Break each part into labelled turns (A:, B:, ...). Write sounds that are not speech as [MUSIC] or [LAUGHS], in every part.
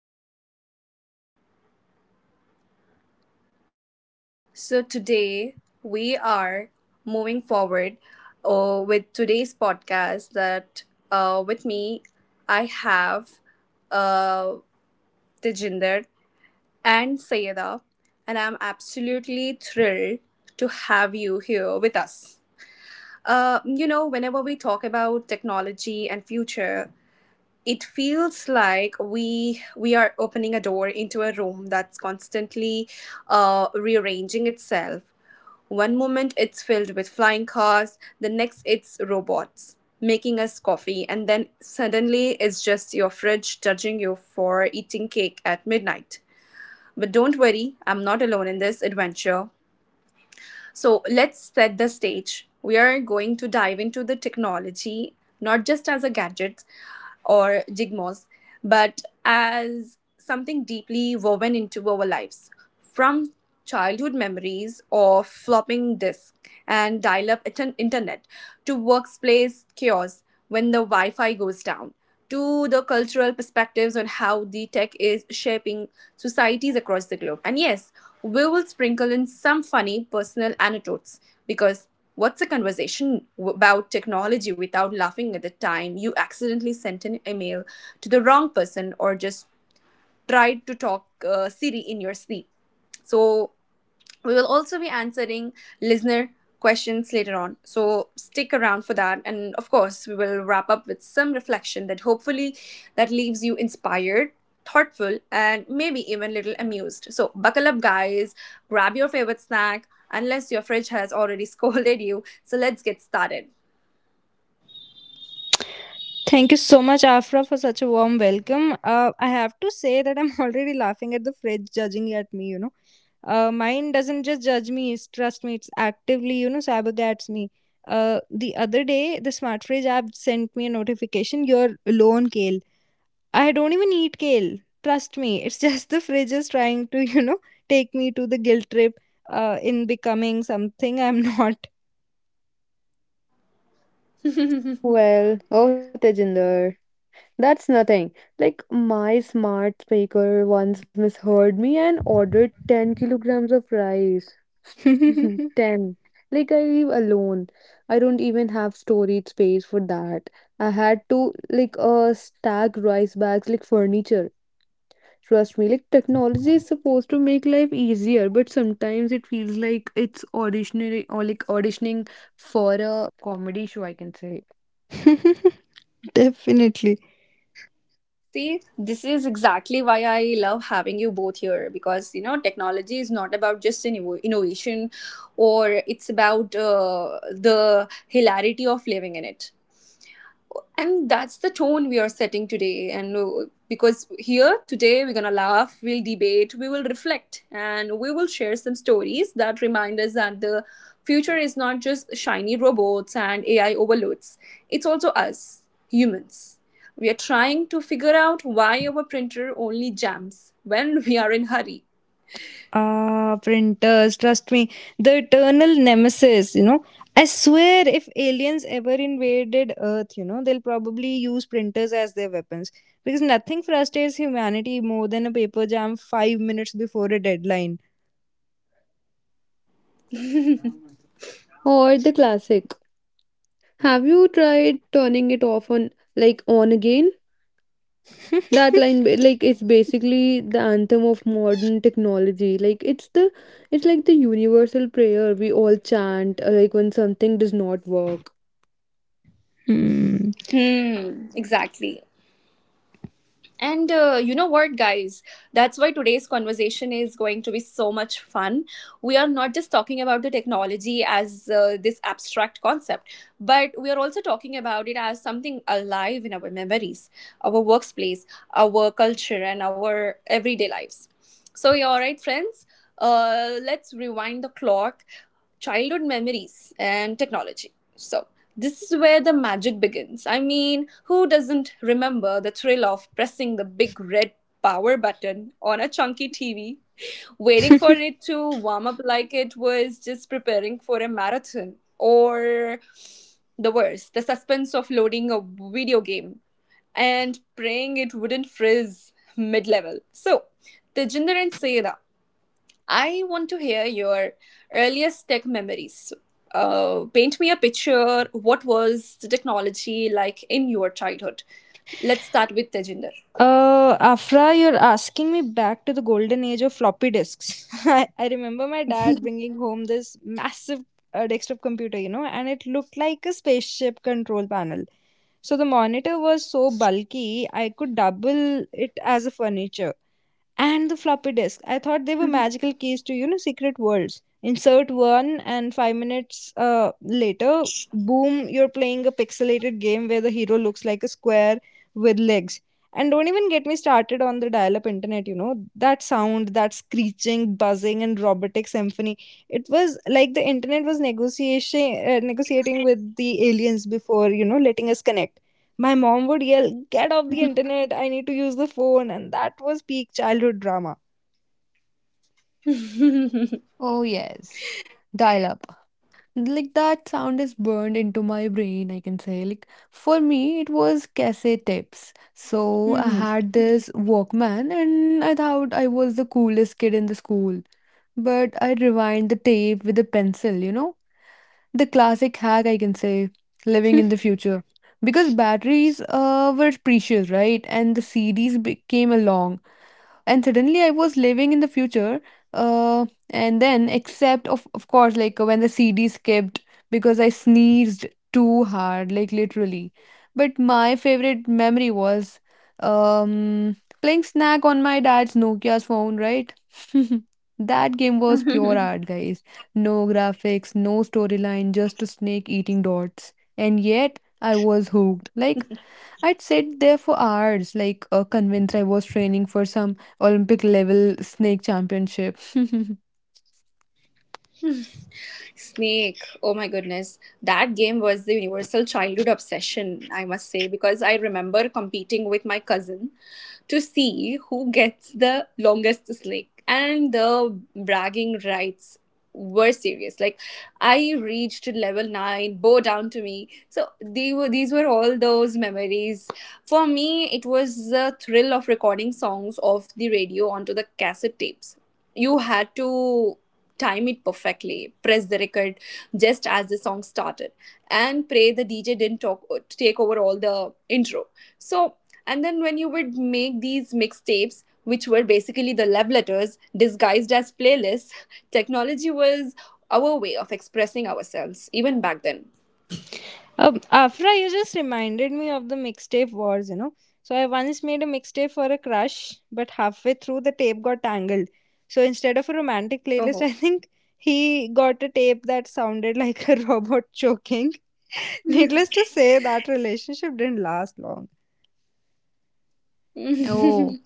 A: Hello, everyone. So, today we are moving forward with today's podcast. That With me, I have uh, Tejinder and Sayeda, and I'm absolutely thrilled to have you here with us. You know, whenever we talk about technology and future, it feels like we are opening a door into a room that's constantly rearranging itself. One moment it's filled with flying cars, the next it's robots making us coffee, and then suddenly it's just your fridge judging you for eating cake at midnight. But don't worry, I'm not alone in this adventure. So let's set the stage. We are going to dive into the technology, not just as a gadget or jigmos, but as something deeply woven into our lives. From childhood memories of flopping disk and dial up internet to workplace chaos when the Wi Fi goes down, to the cultural perspectives on how the tech is shaping societies across the globe. And yes, we will sprinkle in some funny personal anecdotes, because what's a conversation about technology without laughing at the time you accidentally sent an email to the wrong person, or just tried to talk Siri in your sleep? So, we will also be answering listener questions later on, so stick around for that. And of course, we will wrap up with some reflection that hopefully that leaves you inspired, thoughtful, and maybe even little amused. So buckle up, guys. Grab your favorite snack, unless your fridge has already [LAUGHS] scolded you. So let's get started.
B: Well, oh Tejinder, that's nothing. My smart speaker once misheard me and ordered 10 kilograms of rice. [LAUGHS] 10. Like I live alone. I don't even have storage space for that. I had to stack rice bags like furniture. Trust me, like technology is supposed to make life easier, but sometimes it feels like it's auditioning or auditioning for a comedy show, I can say.
A: See, this is exactly why I love having you both here, because you know technology is not about just an innovation, or it's about the hilarity of living in it. And that's the tone we are setting today. And Because here today we're going to laugh, we'll debate, we will reflect, and we will share some stories that remind us that the future is not just shiny robots and AI overloads, it's also us, humans. We are trying to figure out why our printer only jams when we are in hurry.
B: Or the classic. Have you tried turning it off on on again? That line it's basically the anthem of modern technology. It's like the universal prayer we all chant like when something does not work.
A: Hmm, exactly. And you know what, guys? That's why today's conversation is going to be so much fun. We are not just talking about the technology as this abstract concept, but we are also talking about it as something alive in our memories, our workplace, our culture, and our everyday lives. So, you're all right, friends. Let's rewind the clock, childhood memories and technology. So, this is where the magic begins. I mean, who doesn't remember the thrill of pressing the big red power button on a chunky TV, waiting for it to warm up like it was just preparing for a marathon? Or the worst, the suspense of loading a video game and praying it wouldn't frizz mid level. So, Tejinder and Seda, I want to hear your earliest tech memories. Paint me a picture. What was the technology like in your childhood? Let's start with Tejinder. [LAUGHS]
B: Oh, yes. Dial up. Like that sound is burned into my brain, I can say. Like for me, it was cassette tapes. So I had this Walkman and I thought I was the coolest kid in the school. But I rewind the tape with a pencil, you know? The classic hack, I can say, living in the future. Because batteries were precious, right? And the came along and suddenly I was living in the future, uh, and then except of course, like when the CD skipped because I sneezed too hard, like literally. But my favorite memory was um, playing snack on my dad's Nokia's phone, right? [LAUGHS] That game was pure art, guys. No graphics, no storyline, just a snake eating dots, and yet I was hooked. Like I'd sit there for hours, convinced I was training for some Olympic level snake championship. [LAUGHS]
A: Snake. Oh my goodness. That game was the universal childhood obsession, I must say, because I remember competing with my cousin to see who gets the longest snake. And the bragging rights were serious. Like I reached level nine, bow down to me. So they were, these were all those memories. For me, it was the thrill of recording songs off the radio onto the cassette tapes. You had to time it perfectly, press the record just as the song started, and pray the DJ didn't talk, take over all the intro. So, and then when you would make these mixtapes, which were basically the love letters disguised as playlists, [LAUGHS] technology was our way of expressing ourselves, even back then. Oh.
B: Oh,
A: [LAUGHS]
B: [LAUGHS]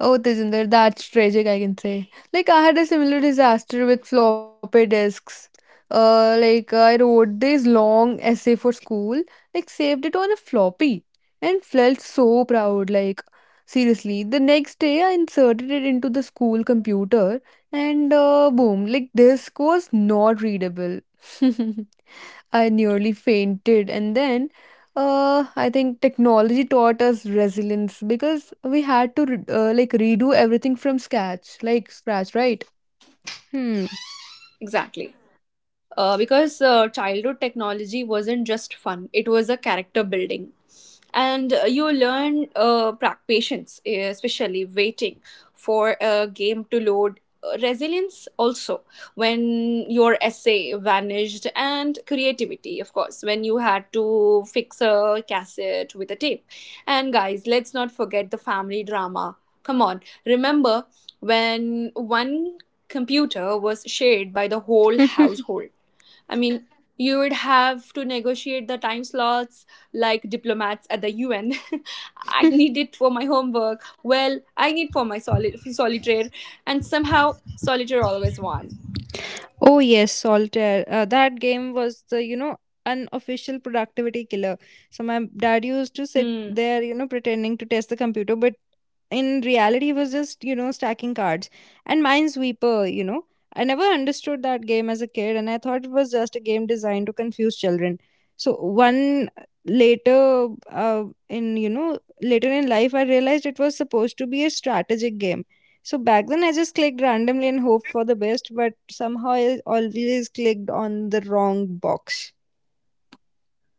B: oh, Tejinder, that's tragic, I can say. Like, I had a similar disaster with floppy disks. I wrote this long essay for school, like, saved it on a floppy, and felt so proud. Like, seriously, the next day I inserted it into the school computer, and boom, like, disk was not readable. [LAUGHS] I nearly fainted, and then I think technology taught us resilience because we had to redo everything from scratch, like scratch, right?
A: Exactly. Because childhood technology wasn't just fun, it was a character building. And you learn patience, especially waiting for a game to load. Resilience also, when your essay vanished, and creativity of course, when you had to fix a cassette with a tape. And guys, let's not forget the family drama. Come on, remember when one computer was shared by the whole household? I mean, you would have to negotiate the time slots like diplomats at the UN. [LAUGHS] I need it for my homework. Well, I need for my solitaire, and somehow solitaire always won. Hmm.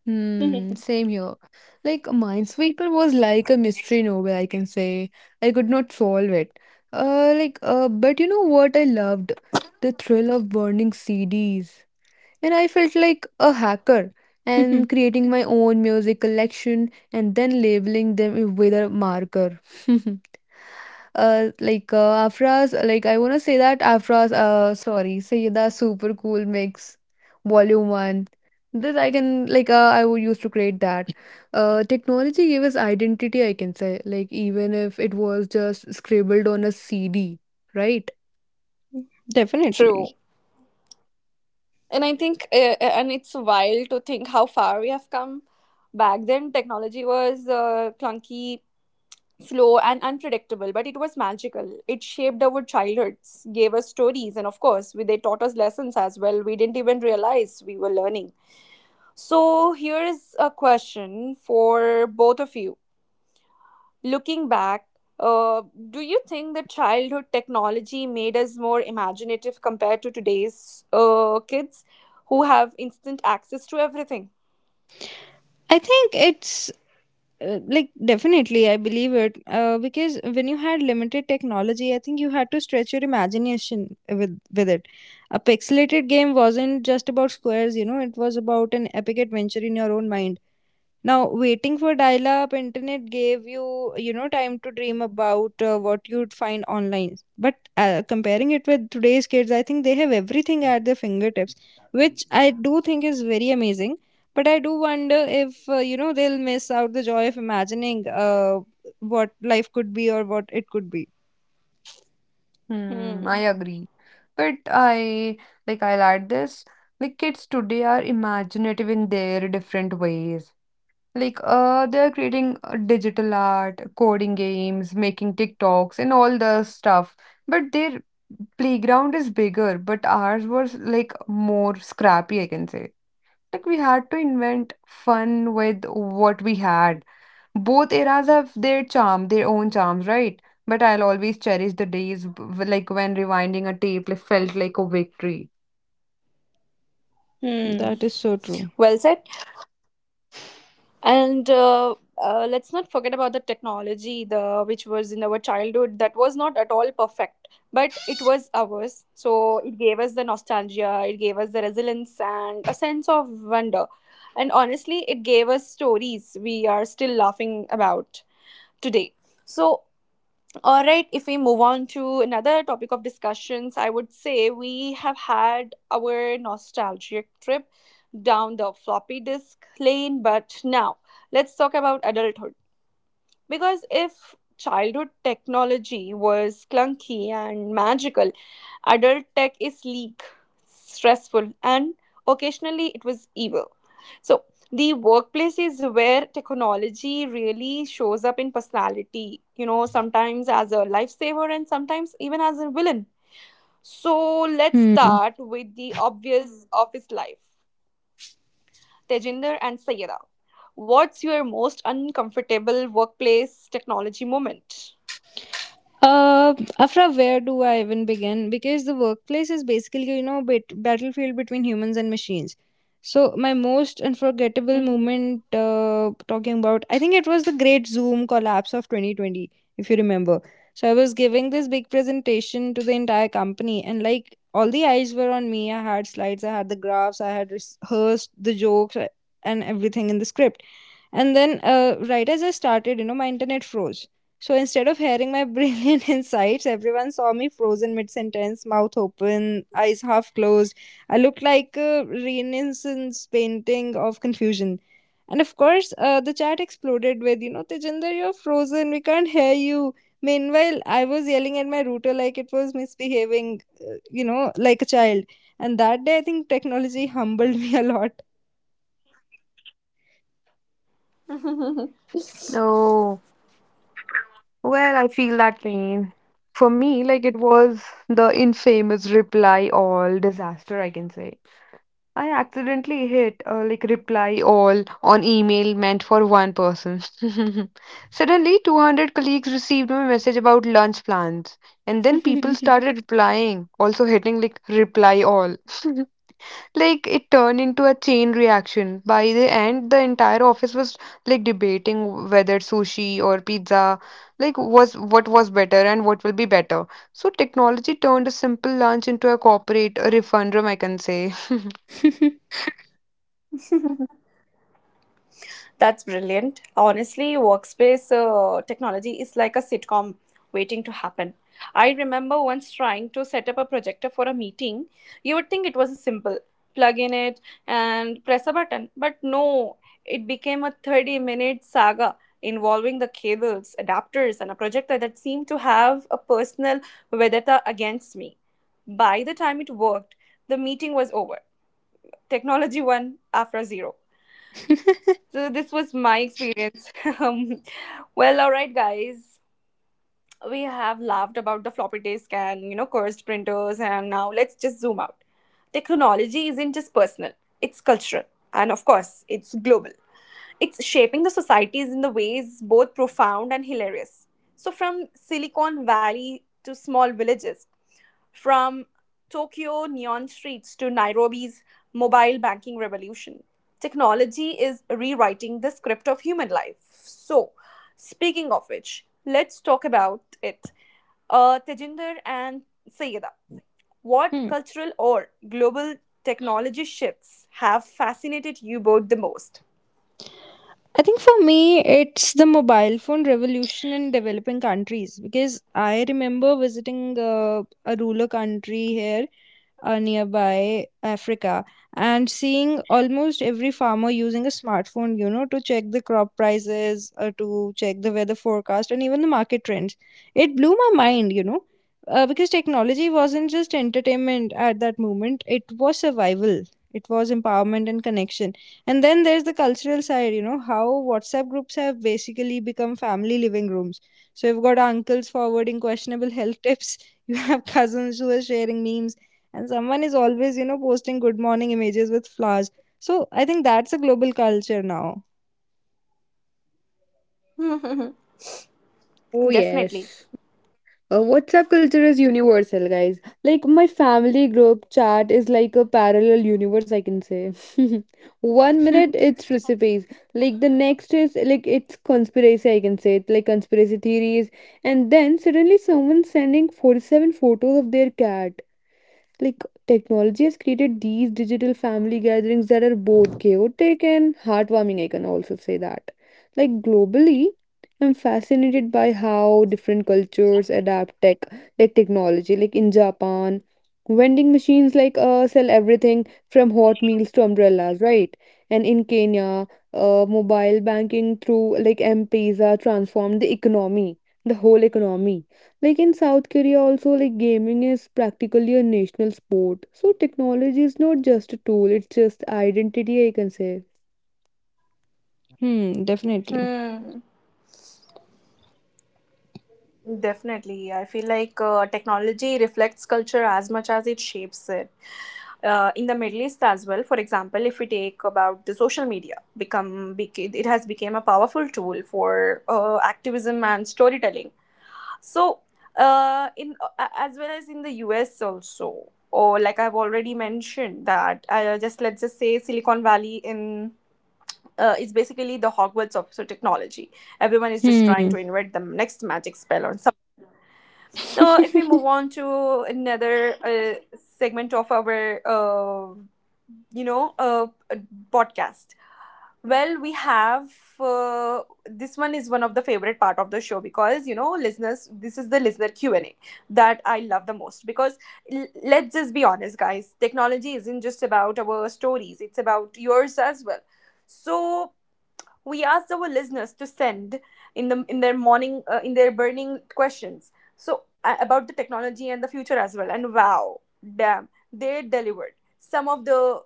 B: Hmm,
A: [LAUGHS]
B: same here. Like Minesweeper was like a mystery novel, I can say. I could not solve it. But you know what I loved? The thrill of burning CDs, and I felt like a hacker and creating my own music collection and then labeling them with a marker. [LAUGHS] Like afras like I want to say that afras sorry, Sayeda super cool mix volume 1. This I can like I would used to create that. Technology gave us identity, I can say, like even if it was just scribbled on a CD, right?
A: True. And I think, and it's wild to think how far we have come. Back then, technology was clunky, slow and unpredictable, but it was magical. It shaped our childhoods, gave us stories, and of course, we, they taught us lessons as well. We didn't even realize we were learning. So, here is a question for both of you. Looking back, uh, do you think that childhood technology made us more imaginative compared to today's kids who have instant access to everything?
B: Hmm, I
A: Hmm.
B: agree. But I'll add this. Like kids today are imaginative in their different ways. Like they're creating digital art, coding games, making TikToks and all the stuff. But their playground is bigger, but ours was like more scrappy, I can say. Like we had to invent fun with what we had. Both eras have their charm, their own charms, right? But I'll always cherish the days when rewinding a tape, like, felt like a victory.
A: Hmm. Well said. And Let's not forget about the technology, the which was in our childhood, that was not at all perfect, but it was ours. So it gave us the nostalgia, it gave us the resilience and a sense of wonder, and honestly it gave us stories we are still laughing about today. So, all right, if we move on to another topic of discussions, I would say we have had our nostalgic trip down the floppy disk lane, but now let's talk about adulthood. Because if childhood technology was clunky and magical, adult tech is sleek, stressful, and occasionally it was evil. So, the workplace is where technology really shows up in personality, you know, sometimes as a lifesaver and sometimes even as a villain. So, let's start with the obvious office life. Tejinder and Sayeda, what's your most uncomfortable workplace technology moment? Mhm. [LAUGHS]
B: Oh, well, I feel that pain. For me, like it was the infamous reply all disaster, I can say. I accidentally hit like reply all on email meant for one person. [LAUGHS] Suddenly, 200 colleagues received my message about lunch plans, and then people started replying, also hitting like reply all. [LAUGHS] Like it turned into a chain reaction. By the end, the entire office was like debating whether sushi or pizza, like was what was better and what will be better. So technology turned a simple lunch into a corporate refundum, I can say. [LAUGHS]
A: That's brilliant. Honestly, workspace technology is like a sitcom waiting to happen. I remember once trying to set up a projector for a meeting. You would think it was simple, plug in it and press a button. But no, it became a 30-minute saga involving the cables, adapters, and a projector that seemed to have a personal vendetta against me. By the time it worked, the meeting was over. Technology won after zero. So this was my experience. [LAUGHS] um, well, all right, guys. We have laughed about the floppy disk and you know cursed printers, and now let's just zoom out. Technology isn't just personal; it's cultural, and of course, it's global, it's shaping the societies in the ways both profound and hilarious. So, from Silicon Valley to small villages, from Tokyo neon streets to Nairobi's mobile banking revolution, technology is rewriting the script of human life. So, speaking of which, let's talk about it. Tejinder and Sayeda, what cultural or global technology shifts have fascinated you both the most? [LAUGHS]
B: Oh,
A: Definitely.
B: yes. WhatsApp culture is universal, guys. Like, my family group chat is like a parallel universe, I can say. [LAUGHS] One minute it's recipes, like, the next is like it's conspiracy, I can say, it like conspiracy theories, and then suddenly someone's sending 47 photos of their cat. Like technology has created these digital family gatherings that are both chaotic and heartwarming, I can also say that. Like globally, I'm fascinated by how different cultures adapt technology. Like in Japan, vending machines sell everything from hot meals to umbrellas, right? And in Kenya, mobile banking through like M-Pesa transformed the economy, the whole economy. Like in South Korea, also, like gaming is practically a national sport. So technology is not just a tool, it's just identity, I can say.
A: Hmm. Definitely. I feel like technology reflects culture as much as it shapes it. In the Middle East as well, for example, if we take about the social media, it has become a powerful tool for activism and storytelling. So, in as well as in the US also, or like I've already mentioned that just let's just say Silicon Valley in, it's basically the Hogwarts of so technology. Everyone is just trying to invent the next magic spell or something. So, if we move on to another segment of our, you know, podcast. Well, we have this one is one of the favorite part of the show, because you know listeners, this is the listener Q and A that I love the most, because let's just be honest, guys, technology isn't just about our stories; it's about yours as well. So we asked our listeners to send in the in their morning in their burning questions so about the technology and the future as well, and wow, damn they delivered. Some of the,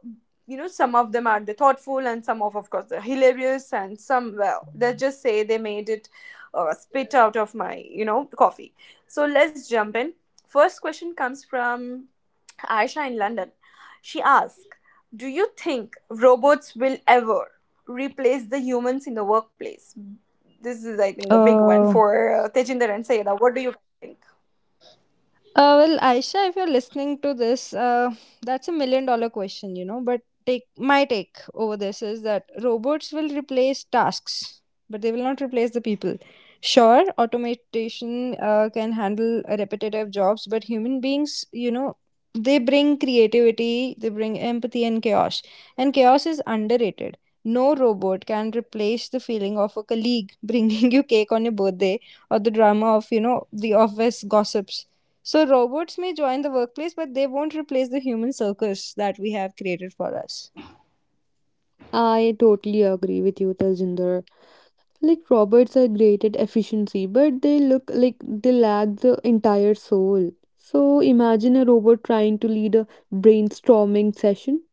A: you know, some of them are the thoughtful, and some of course, the hilarious, and some, well, let's just say they made it spit out of my you know coffee. So let's jump in. First question comes from Aisha in London. She asked, do you think robots will ever replace the humans in the workplace? This is, I think, the big one for Tejinder and Sayeda. What do you think?
B: I totally agree with you, Tajinder. Like robots are great at efficiency, but they look like they lack the entire soul. So imagine a robot trying to lead a brainstorming session.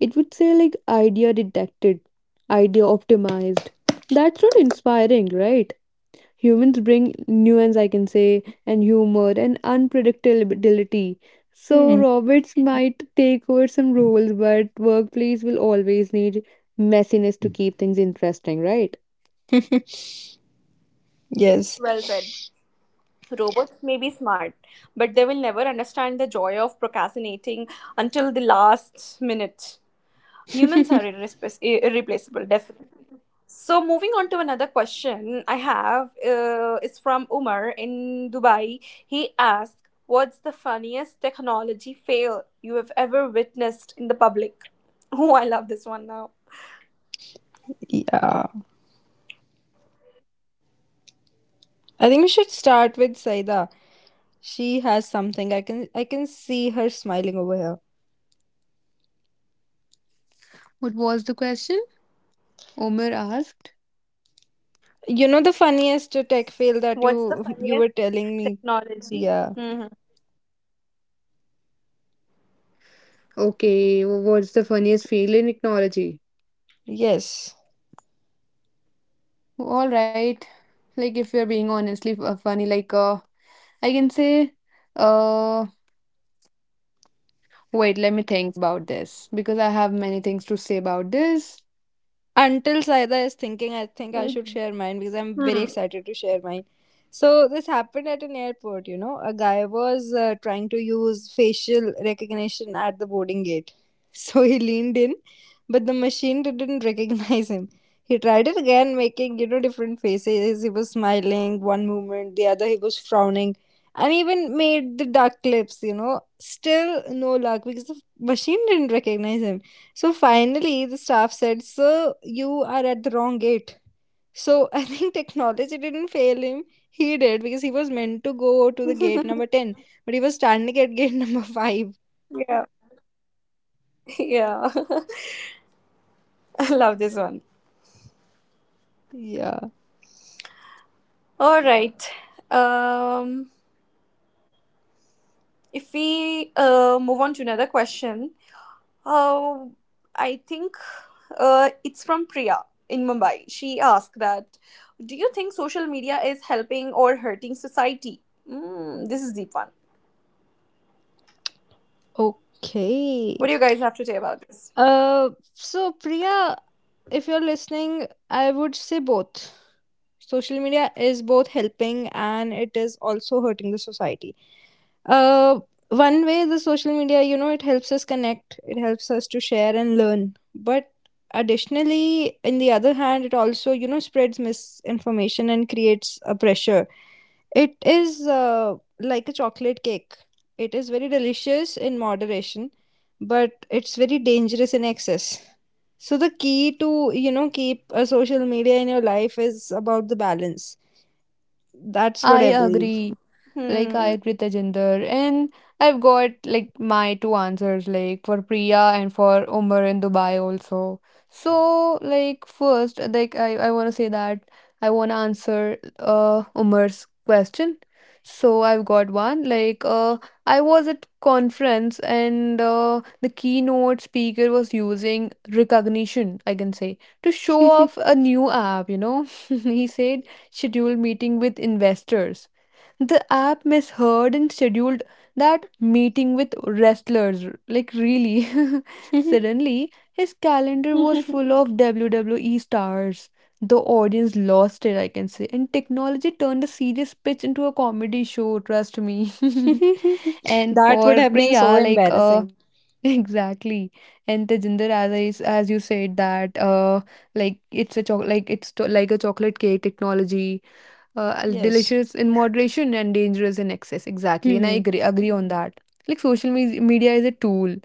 B: It would say like idea detected, idea optimized. That's not inspiring, right? Humans bring nuance, I can say, and humor and unpredictability. So robots might take over some roles, but workplace will always need messiness to keep things interesting, right?
A: Well said. Robots may be smart, but they will never understand the joy of procrastinating until the last minute. Humans are irreplaceable, definitely. So moving on to another question I have is from Umar in Dubai. He asked, "What's the funniest technology fail you have ever witnessed in the public?" [LAUGHS] Oh, I love this one now.
B: What was the question? Omer asked.
A: What's the funniest technology? Mhm.
B: Okay, what's the funniest fail in technology? All right. Like if you're being honestly funny, I can say, uh, wait, let me think about this because I have many things to say about this.
A: Hmm. [LAUGHS] Yeah. Yeah. [LAUGHS] I love this one. All right. Um, if we move on to another question, oh, I think it's from Priya in Mumbai. She asked that, do you think social media is helping or hurting society? Mm, this is deep one. What do you guys have to say about this?
B: I agree. I
A: Hmm.
B: agree with Tejinder, and I've got like my two answers like for Priya and for Umar in Dubai also. So first I wanna say that I wanna answer Umar's question. So I've got one I was at conference, and the keynote speaker was using recognition, I can say, to show off a new app, you know. [LAUGHS] He said, schedule meeting with investors. The app misheard and scheduled that meeting with wrestlers. Like, really? [LAUGHS] Suddenly, his calendar was
A: [LAUGHS]
B: full of WWE stars. The audience lost it, I can say. And technology turned a serious pitch into a comedy show, trust me. [LAUGHS] And for Priya, exactly. And Tejinder, as you said that, it's a choc like it's to like a chocolate cake technology, delicious in moderation and dangerous in excess. Exactly, and I agree on that. Like social me media is a tool.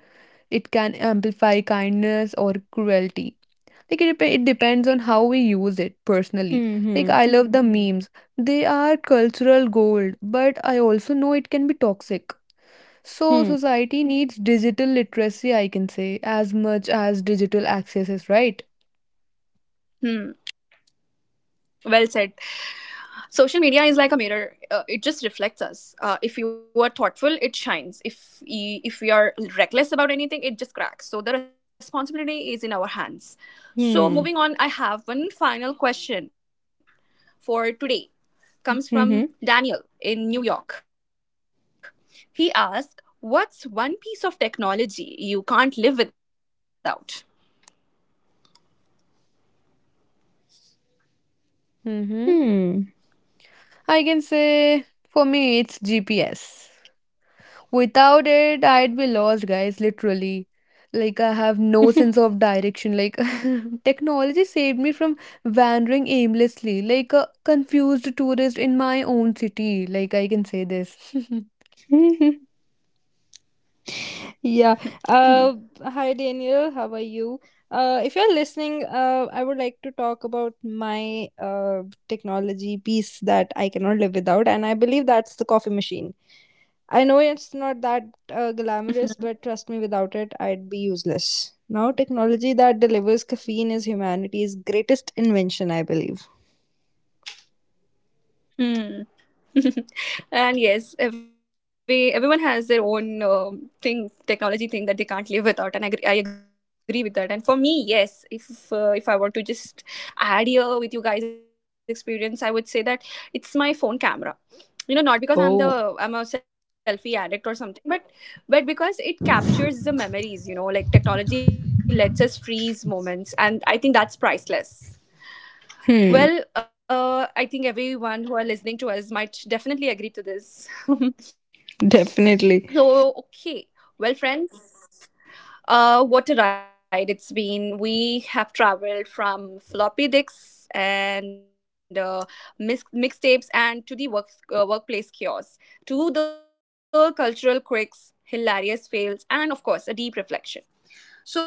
B: It can amplify kindness or cruelty. Like it depends on how we use it personally. Like I love the memes. They are cultural gold, but I also know it can be toxic. So society needs digital literacy, I can say, as much as digital access is right.
A: hmm. Well said. Social media is like a mirror, it just reflects us. If you are thoughtful it shines, if we are reckless about anything it just cracks. So the responsibility is in our hands. So moving on, I have one final question for today, comes from Daniel in New York. He asked, what's one piece of technology you can't live without?
B: Mm-hmm. I can say for me it's GPS. Without it, I'd be lost, guys, literally. Like I have no sense of direction. Like [LAUGHS] technology saved me from wandering aimlessly, like a confused tourist in my own city. Like I can say this.
A: [CLEARS THROAT] Hmm. [LAUGHS] And yes, everyone has their own thing, technology thing, that they can't live without, and I agree with that. And for me, yes, if I want to just add here with you guys' experience, I would say that it's my phone camera. You know, not because I'm a selfie addict or something, but because it captures the memories. You know, like technology lets us freeze moments, and I think that's priceless. Well, I think everyone who are listening to us might definitely agree to this. [LAUGHS] So, okay. Well, friends, what a ride it's been. We have traveled from floppy disks and mixtapes, and to the workplace chaos, to the cultural quirks, hilarious fails, and of course, a deep reflection.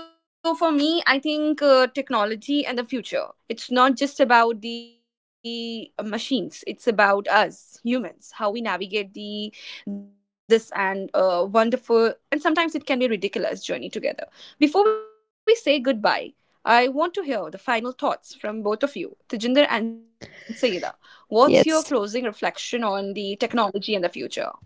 A: So for me, I think technology and the future. It's not just about the machines. It's about us humans, how we navigate the this and wonderful, and sometimes it can be a ridiculous journey together. Before we say goodbye, I want to hear the final thoughts from both of you, Tejinder and Saida. What's your closing reflection on the technology and the future?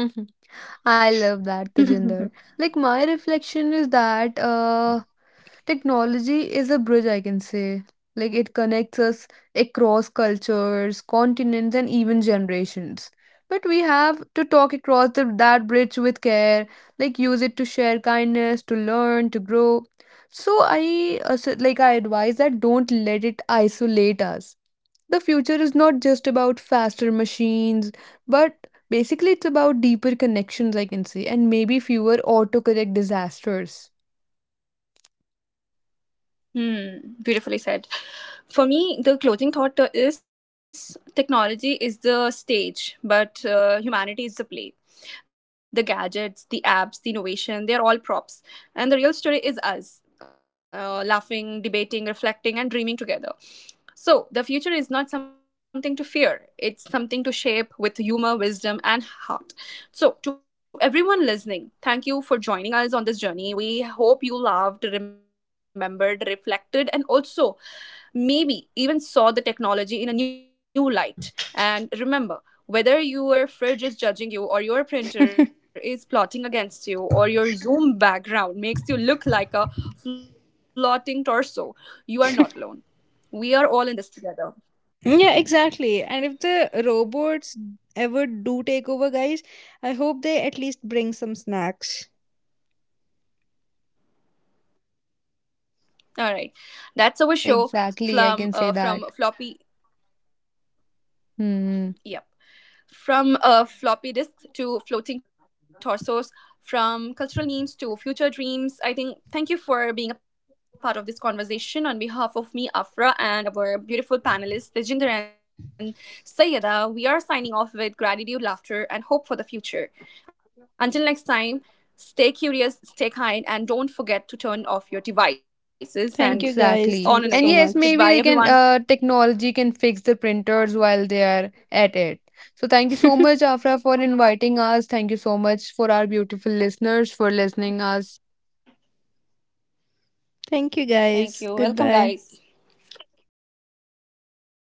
B: [LAUGHS] I love that, Tejinder.
A: [LAUGHS]
B: Like, my reflection is that technology is a bridge, I can say. Like, it connects us across cultures, continents, and even generations. But we have to talk across that bridge with care, like, use it to share kindness, to learn, to grow. So, I advise that don't let it isolate us. The future is not just about faster machines, but basically it's about deeper connections, I can say, and maybe fewer autocorrect disasters.
A: Hmm, beautifully said. For me, the closing thought is technology is the stage, but humanity is the play. The gadgets, the apps, the innovation, they are all props. And the real story is us laughing, debating, reflecting, and dreaming together. So, the future is not something to fear, it's something to shape with humor, wisdom, and heart. So, to everyone listening, thank you for joining us on this journey. We hope you loved, remembered, reflected, and also maybe even saw the technology in a new light. And remember, whether your fridge is judging you, or your printer is plotting against you, or your Zoom background makes you look like a floating torso, you are not alone. We are all in this together. All right, that's our show
B: Exactly, I can say that.
A: from Floppy.
B: Hmm.
A: Yep. From floppy disks to floating torsos, from cultural memes to future dreams. I think thank you for being a part of this conversation on behalf of me, Afra, and our beautiful panelists, Tejinder and Sayeda. We are signing off with gratitude, laughter, and hope for the future. Until next time, stay curious, stay kind, and don't forget to turn off your devices and
B: Exactly.
A: on and
B: And
A: again.
B: yes, maybe they
A: Goodbye,
B: can,
A: everyone.
B: technology can fix the printers while they are at it. So thank you so much, Afra, for inviting us. Thank you so much for our beautiful listeners for listening us.
A: Thank you. Welcome, guys.